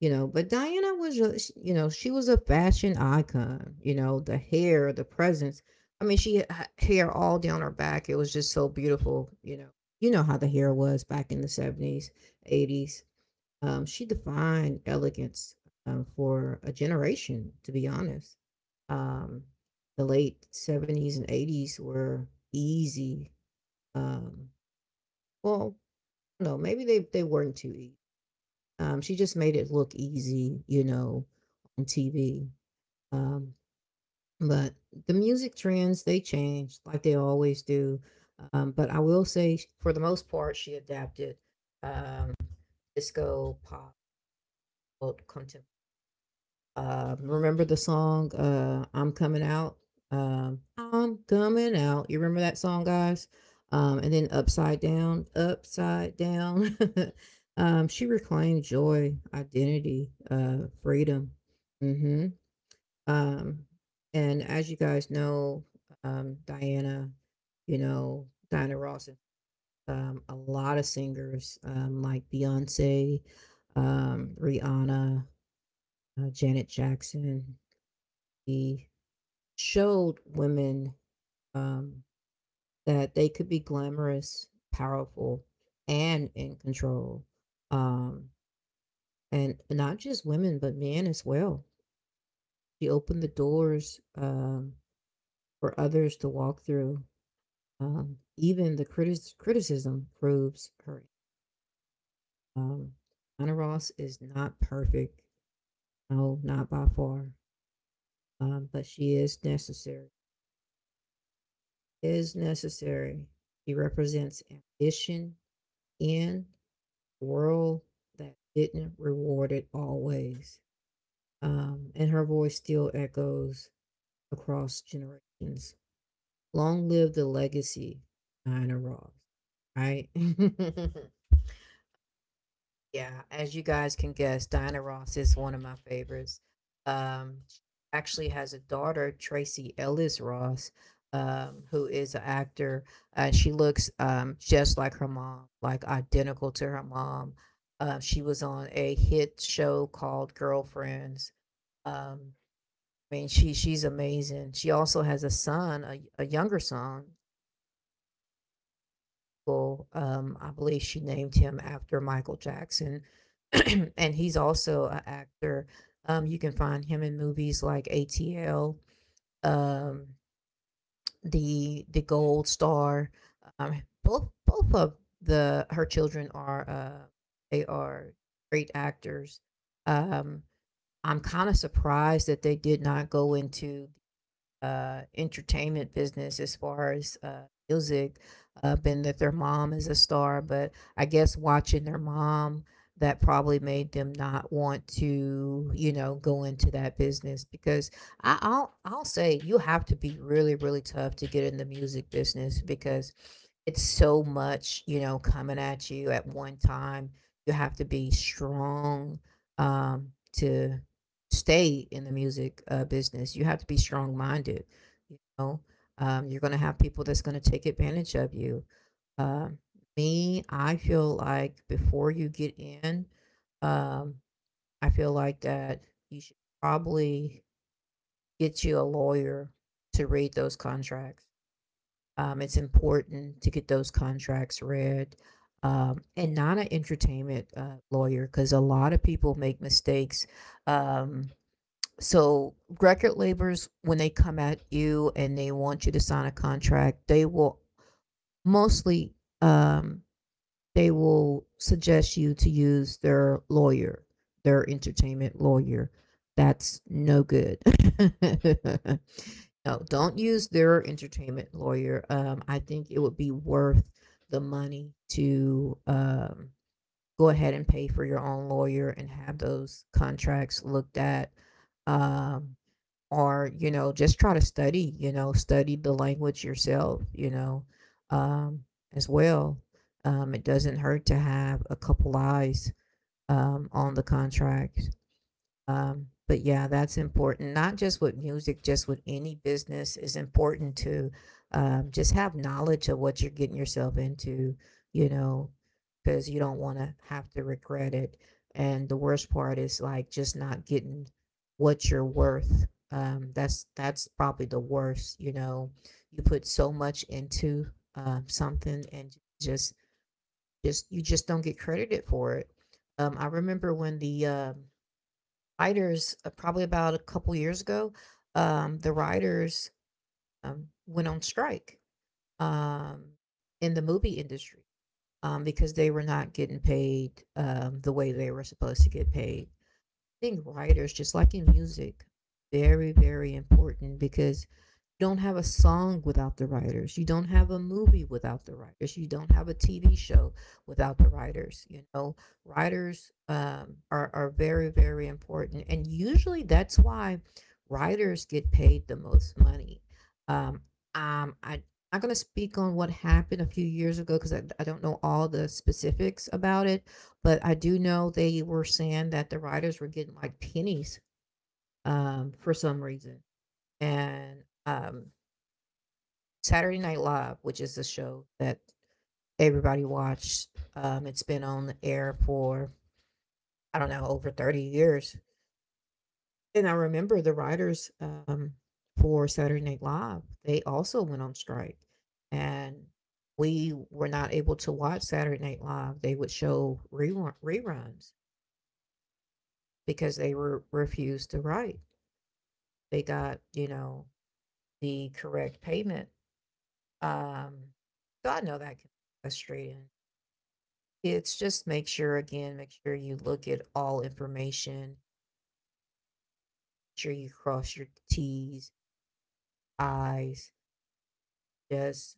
[SPEAKER 1] you know. But Diana was, a, sh- you know, she was a fashion icon. You know, the hair, the presence. I mean, she had hair all down her back. It was just so beautiful. You know, you know how the hair was back in the seventies, eighties. Um, she defined elegance um, for a generation, to be honest. Um, the late seventies and eighties were easy. Um, well, no, maybe they they weren't too easy, um, she just made it look easy, you know, on T V. Um, but the music trends, they change like they always do. Um, but I will say, sh- for the most part, she adapted um, disco, pop, contemporary. Um, remember the song, uh, "I'm Coming Out"? Um, "I'm coming out." You remember that song, guys? Um, and then "Upside Down, Upside Down." Um, she reclaimed joy, identity, uh, freedom. Hmm. Um, and as you guys know, um, Diana, you know, Diana Ross, and um, a lot of singers um, like Beyonce, um, Rihanna, uh, Janet Jackson, he showed women um, that they could be glamorous, powerful, and in control. Um, and not just women, but men as well. She opened the doors um, for others to walk through. Um, even the critis- criticism proves her. Um, Anna Ross is not perfect. No, not by far. Um, but she is necessary. Is necessary. She represents ambition in world that didn't reward it always. Um, and her voice still echoes across generations. Long live the legacy, Diana Ross. Right? Yeah, as you guys can guess, Diana Ross is one of my favorites. Um, she actually has a daughter, Tracy Ellis Ross, um, who is an actor. Uh, she looks um, just like her mom, like identical to her mom. Uh, she was on a hit show called Girlfriends. Um, I mean, she she's amazing. She also has a son, a, a younger son, Michael, um, I believe she named him after Michael Jackson, and he's also an actor. Um, you can find him in movies like A T L, um, the the Gold Star. Um, both both of the her children are uh, they are great actors. Um, I'm kind of surprised that they did not go into uh, entertainment business as far as uh, music, uh, been that their mom is a star, but I guess watching their mom that probably made them not want to, you know, go into that business because I, I'll I'll say you have to be really really tough to get in the music business because it's so much, you know, coming at you at one time. You have to be strong um, to stay in the music uh, business. You have to be strong minded. You know, um, you're going to have people that's going to take advantage of you. Um, Me, I feel like before you get in, um, I feel like that you should probably get you a lawyer to read those contracts. Um, it's important to get those contracts read, um, and not an entertainment uh, lawyer because a lot of people make mistakes. Um, so record labels, when they come at you and they want you to sign a contract, they will mostly, um, they will suggest you to use their lawyer, their entertainment lawyer. That's no good. No, don't use their entertainment lawyer. um, I think it would be worth the money to um, go ahead and pay for your own lawyer and have those contracts looked at. um, or, you know, just try to study, you know, study the language yourself, you know, um as well. Um it doesn't hurt to have a couple eyes um on the contract. Um, but yeah, that's important. Not just with music, just with any business, is important to um, just have knowledge of what you're getting yourself into, you know, because you don't want to have to regret it. And the worst part is, like, just not getting what you're worth. Um, that's that's probably the worst. You know, you put so much into um, something and just just you just don't get credited for it. Um, I remember when the um, writers, uh, probably about a couple years ago, um, the writers um, went on strike um, in the movie industry um, because they were not getting paid um, the way they were supposed to get paid. I think writers, just like in music, very, very important, because you don't have a song without the writers. You don't have a movie without the writers. You don't have a T V show without the writers. You know, writers um, are, are very, very important. And usually that's why writers get paid the most money. Um, um, I, I'm not going to speak on what happened a few years ago because I, I don't know all the specifics about it, but I do know they were saying that the writers were getting like pennies um, for some reason. And um, Saturday Night Live, which is the show that everybody watched. Um, it's been on the air for, I don't know, over thirty years, and I remember the writers um, for Saturday Night Live. They also went on strike, and we were not able to watch Saturday Night Live. They would show rerun- reruns because they were refused to write. They got, you know, the correct payment. Um, so I know that can be frustrating. It's just, make sure, again, make sure you look at all information, sure you cross your T's, I's, just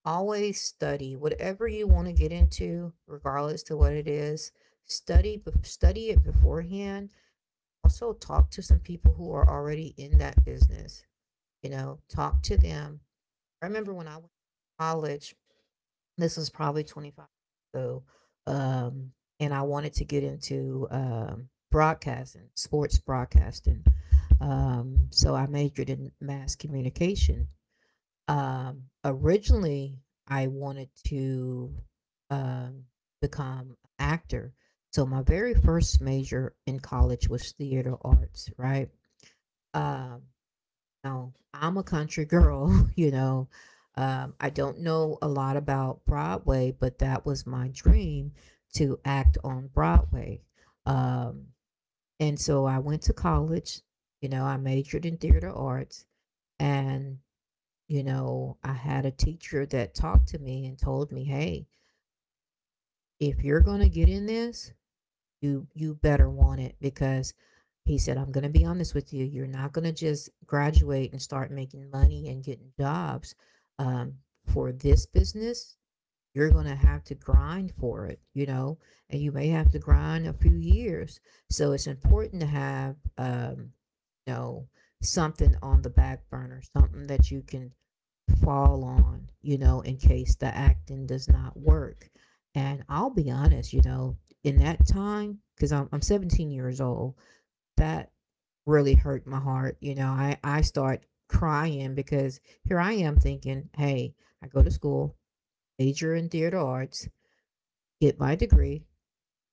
[SPEAKER 1] always study whatever you want to get into, regardless to what it is. Study bef- study it beforehand. Also talk to some people who are already in that business. You know, talk to them. I remember when I went to college. This was probably twenty-five years ago. Um, and I wanted to get into um, broadcasting, sports broadcasting. Um, so I majored in mass communication. Um, originally, I wanted to um, become an actor. So my very first major in college was theater arts, right? Um, know, I'm a country girl, you know. Um, I don't know a lot about Broadway, but that was my dream to act on Broadway. Um, and so I went to college, you know, I majored in theater arts. And, you know, I had a teacher that talked to me and told me, hey, if you're going to get in this, you you better want it, because he said, I'm going to be honest with you, you're not going to just graduate and start making money and getting jobs um, for this business. You're going to have to grind for it, you know, and you may have to grind a few years. So it's important to have, um, you know, something on the back burner, something that you can fall on, you know, in case the acting does not work. And I'll be honest, you know, in that time, because I'm, I'm seventeen years old, that really hurt my heart. You know, I, I start crying because here I am thinking, hey, I go to school, major in theater arts, get my degree,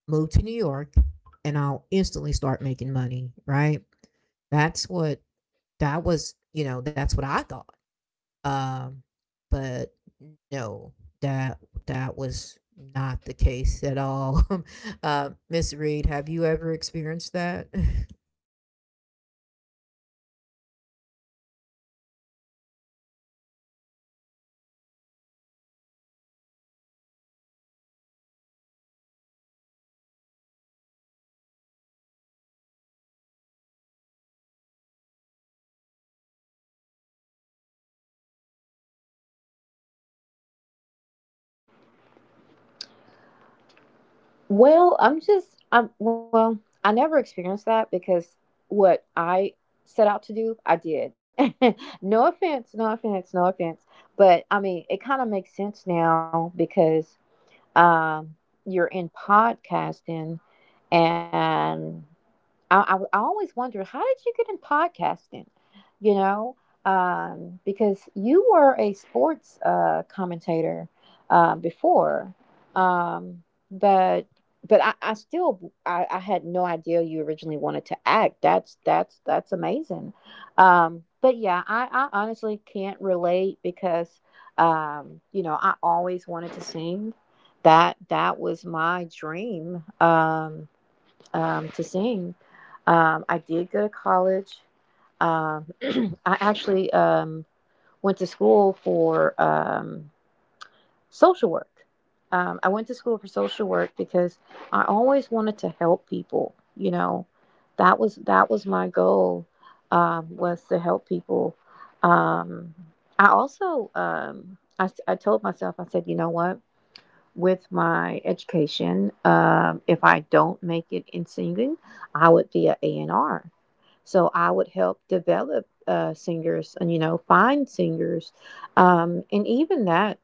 [SPEAKER 1] move to New York, and I'll instantly start making money, right? That's what that was, you know, that's what I thought. Um, but no, that that was not the case at all. uh, Miss Reed, have you ever experienced that?
[SPEAKER 2] Well, I'm just I'm well, I never experienced that because what I set out to do, I did. No offense, no offense, no offense. But I mean, it kind of makes sense now because um you're in podcasting and I, I, I always wonder how did you get in podcasting? You know, um, because you were a sports uh, commentator uh, before, um, but but I, I still I, I had no idea you originally wanted to act. That's that's that's amazing. Um, but yeah, I, I honestly can't relate because um, you know I always wanted to sing. That that was my dream. Um, um, to sing. Um, I did go to college. Um, I actually um, went to school for um, social work. Um, I went to school for social work because I always wanted to help people. You know, that was that was my goal, um, was to help people. Um, I also um, I, s- I told myself. I said, you know what, with my education, Um, if I don't make it in singing, I would be an a A&R. So I would help develop uh, singers and, you know, find singers. Um, and even that,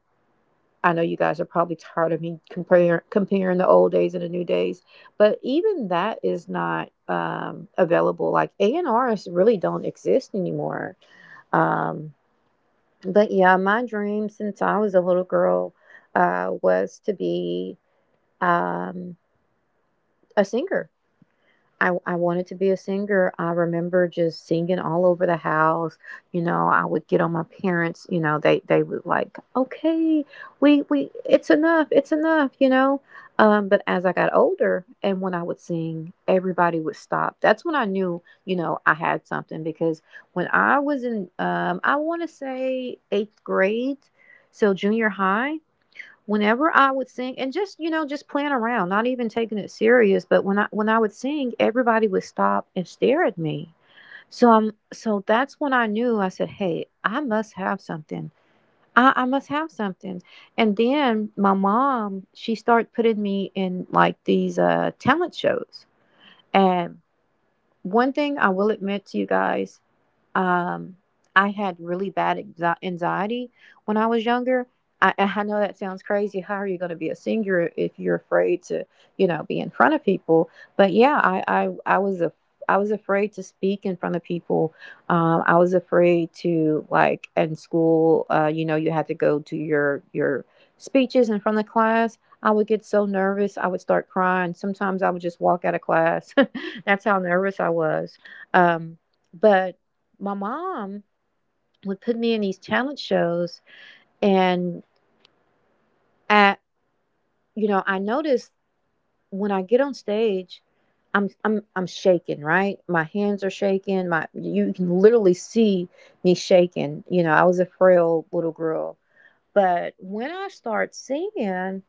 [SPEAKER 2] I know you guys are probably tired of me compare, comparing the old days and the new days, but even that is not um, available. Like A and Rs really don't exist anymore. Um, but yeah, my dream since I was a little girl uh, was to be, um, a singer. I, I wanted to be a singer. I remember just singing all over the house. You know, I would get on my parents. You know, they they would like, okay, we we it's enough, it's enough. You know, um, but as I got older and when I would sing, everybody would stop. That's when I knew, you know, I had something, because when I was in, um, I want to say eighth grade, so junior high, whenever I would sing and just, you know, just playing around, not even taking it serious, but when I when I would sing, everybody would stop and stare at me. So I'm so that's when I knew. I said, "Hey, I must have something. I, I must have something." And then my mom, she started putting me in like these uh talent shows. And one thing I will admit to you guys, um, I had really bad exi- anxiety when I was younger. I, I know that sounds crazy. How are you going to be a singer if you're afraid to, you know, be in front of people? But yeah, I, I, I was a, I was afraid to speak in front of people. Um, I was afraid to, like, in school. Uh, you know, you had to go to your your speeches in front of class. I would get so nervous. I would start crying. Sometimes I would just walk out of class. That's how nervous I was. Um, but my mom would put me in these talent shows, and at, you know, I noticed when I get on stage, i'm i'm i'm shaking, right? My hands are shaking. My, you can literally see me shaking. You know, I was a frail little girl, but when I start singing,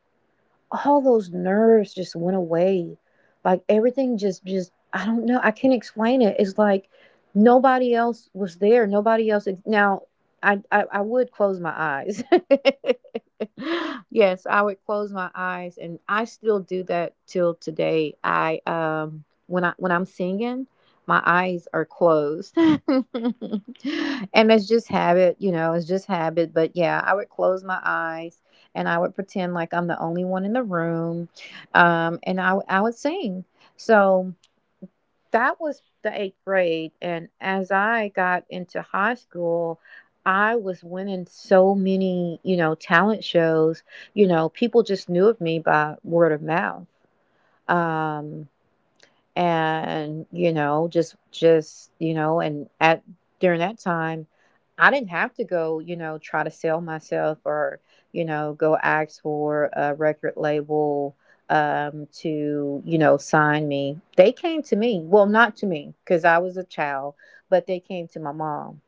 [SPEAKER 2] all those nerves just went away. Like, everything just just I don't know. I can't explain it. It's like nobody else was there. Nobody else ex- now I I, I would close my eyes. Yes, I would close my eyes, and I still do that till today. I, um when I when I'm singing, my eyes are closed. And it's just habit, you know, it's just habit, but yeah, I would close my eyes and I would pretend like I'm the only one in the room, um, and I w- I would sing. So that was the eighth grade, and as I got into high school, I was winning so many, you know, talent shows. You know, people just knew of me by word of mouth. Um, and you know, just just you know, and at during that time, I didn't have to go, you know, try to sell myself, or, you know, go ask for a record label, um to, you know, sign me. They came to me, well, not to me because I was a child, but they came to my mom.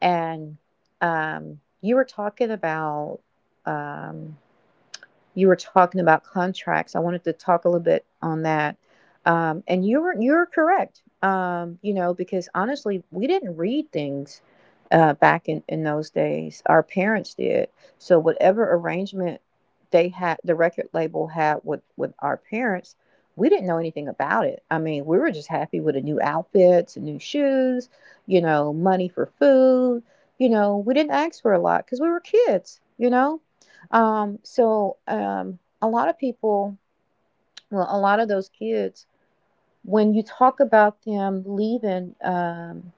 [SPEAKER 2] And um you were talking about um you were talking about contracts. I wanted to talk a little bit on that. Um, and you were You're correct. Um, you know, because honestly, we didn't read things uh, back in, in those days. Our parents did. So whatever arrangement they had, the record label had with with our parents, we didn't know anything about it. I mean, we were just happy with the new outfits, new shoes, you know, money for food. You know, we didn't ask for a lot because we were kids. You know, um, so um, a lot of people, well, a lot of those kids, when you talk about them leaving, um,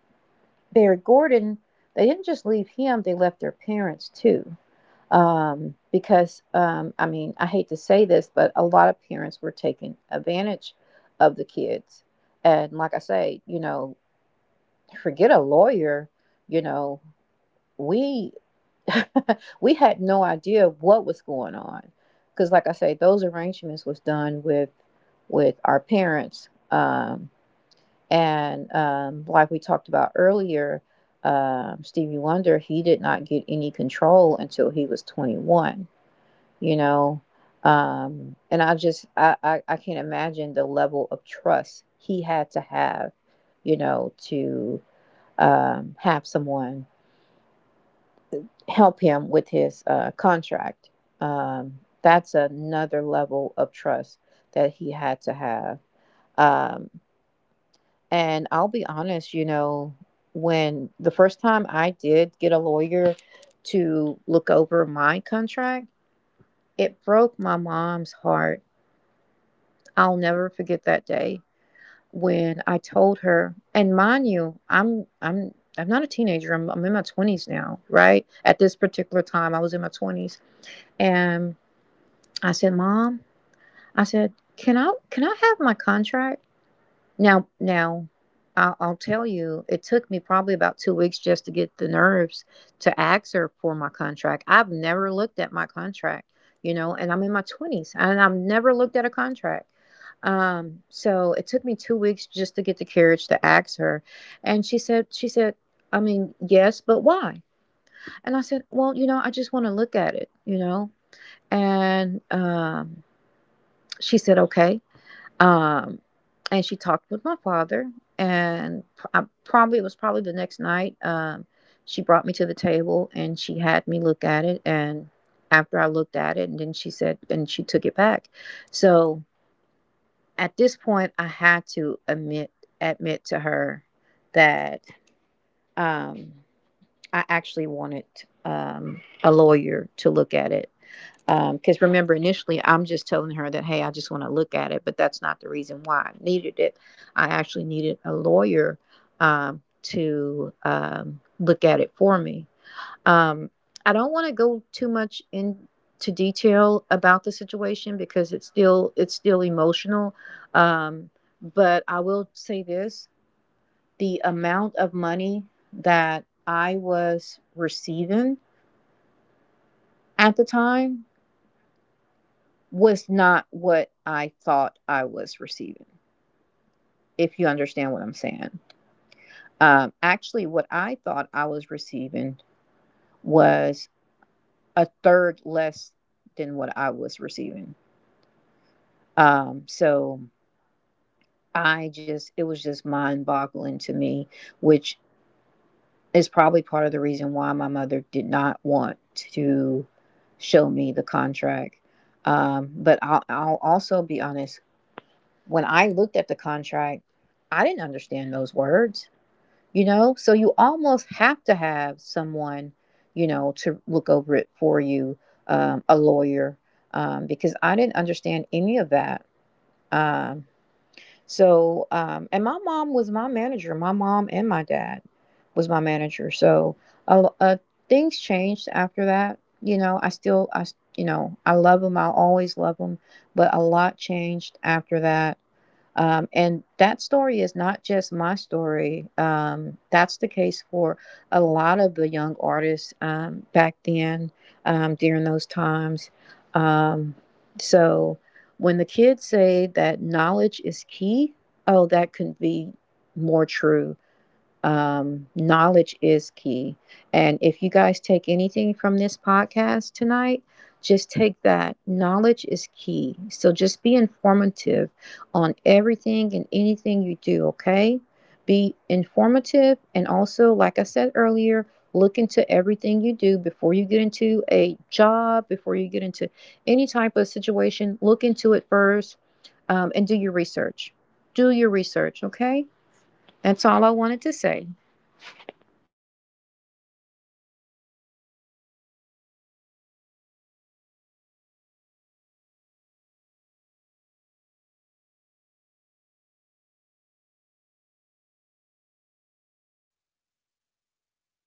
[SPEAKER 2] Barry Gordon, they didn't just leave him; they left their parents too. Um, because um, I mean, I hate to say this, but a lot of parents were taking advantage of the kids. And like I say, you know, forget a lawyer. You know, we we had no idea what was going on, because like I say, those arrangements was done with with our parents. Um, and um, Like we talked about earlier, um, Stevie Wonder, he did not get any control until he was twenty-one, you know. Um, and i just I, I I can't imagine the level of trust he had to have, you know, to um, have someone help him with his uh, contract. Um, that's another level of trust that he had to have. Um, and I'll be honest, you know, when the first time I did get a lawyer to look over my contract, it broke my mom's heart. I'll never forget that day when I told her. And mind you, I'm I'm I'm not a teenager. I'm, I'm in my twenties now, right? At this particular time, I was in my twenties. And I said, "Mom," I said, "can I can I have my contract now?" Now, I'll, I'll tell you, it took me probably about two weeks just to get the nerves to ask her for my contract. I've never looked at my contract, you know, and I'm in my twenties, and I've never looked at a contract. Um, so it took me two weeks just to get the courage to ask her, and she said, she said, I mean, "Yes, but why?" And I said, "Well, you know, I just want to look at it, you know." And um, she said, okay. Um, and she talked with my father, and p- I, probably it was probably the next night. Um, she brought me to the table and she had me look at it. And after I looked at it, and then she said, and she took it back. So at this point, I had to admit, admit to her that, um, I actually wanted, um, a lawyer to look at it, because remember, initially I'm just telling her that, hey, I just want to look at it, but that's not the reason why I needed it. I actually needed a lawyer, um, to um, look at it for me. um, I don't want to go too much into detail about the situation because it's still it's still emotional. Um, but I will say this: the amount of money that I was receiving at the time was not what I thought I was receiving, if you understand what I'm saying. Um, actually, what I thought I was receiving was a third less than what I was receiving. Um, so I just, it was just mind boggling to me, which is probably part of the reason why my mother did not want to show me the contract. Um, but I'll, I'll also be honest. When I looked at the contract, I didn't understand those words, you know? So you almost have to have someone, you know, to look over it for you, um, a lawyer, um, because I didn't understand any of that. Um, so, um, and my mom was my manager. My mom and my dad was my manager. So, uh, uh, things changed after that. You know, I still, I, you know, I love them. I'll always love them. But a lot changed after that. Um, and that story is not just my story. Um, that's the case for a lot of the young artists, um, back then, um, during those times. Um, so when the kids say that knowledge is key, oh, that could be more true. Um, knowledge is key. And if you guys take anything from this podcast tonight, just take that. Knowledge is key. So just be informative on everything and anything you do, okay? Be informative, and also, like I said earlier, look into everything you do before you get into a job, before you get into any type of situation. Look into it first, um, and do your research. Do your research, okay? That's all I wanted to say.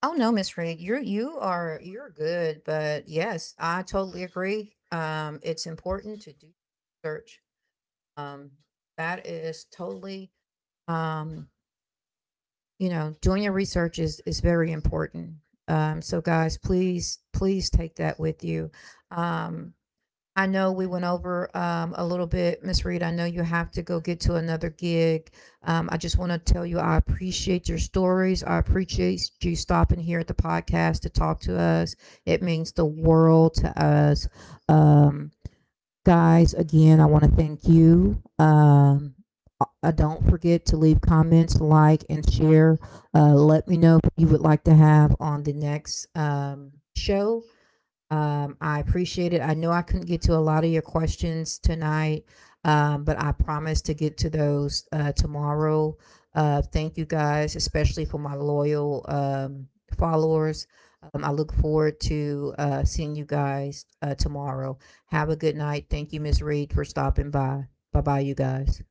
[SPEAKER 1] Oh no, Miss Reed, you're you are you're good, but yes, I totally agree. Um, it's important to do research. Um, that is totally um, you know, doing your research is is very important. Um, so guys, please please take that with you. Um, I know we went over um, a little bit, Miss Reed. I know you have to go get to another gig. Um, I just want to tell you I appreciate your stories. I appreciate you stopping here at the podcast to talk to us. It means the world to us. Um, Guys, again, I want to thank you. Um, uh, uh, don't forget to leave comments, like, and share. Uh, let me know who you would like to have on the next um, show. um, I appreciate it. I know I couldn't get to a lot of your questions tonight, um, but I promise to get to those uh, tomorrow. Uh, thank you guys, especially for my loyal um, followers. Um, I look forward to uh, seeing you guys uh, tomorrow. Have a good night. Thank you, miss Reed, for stopping by. Bye bye, you guys.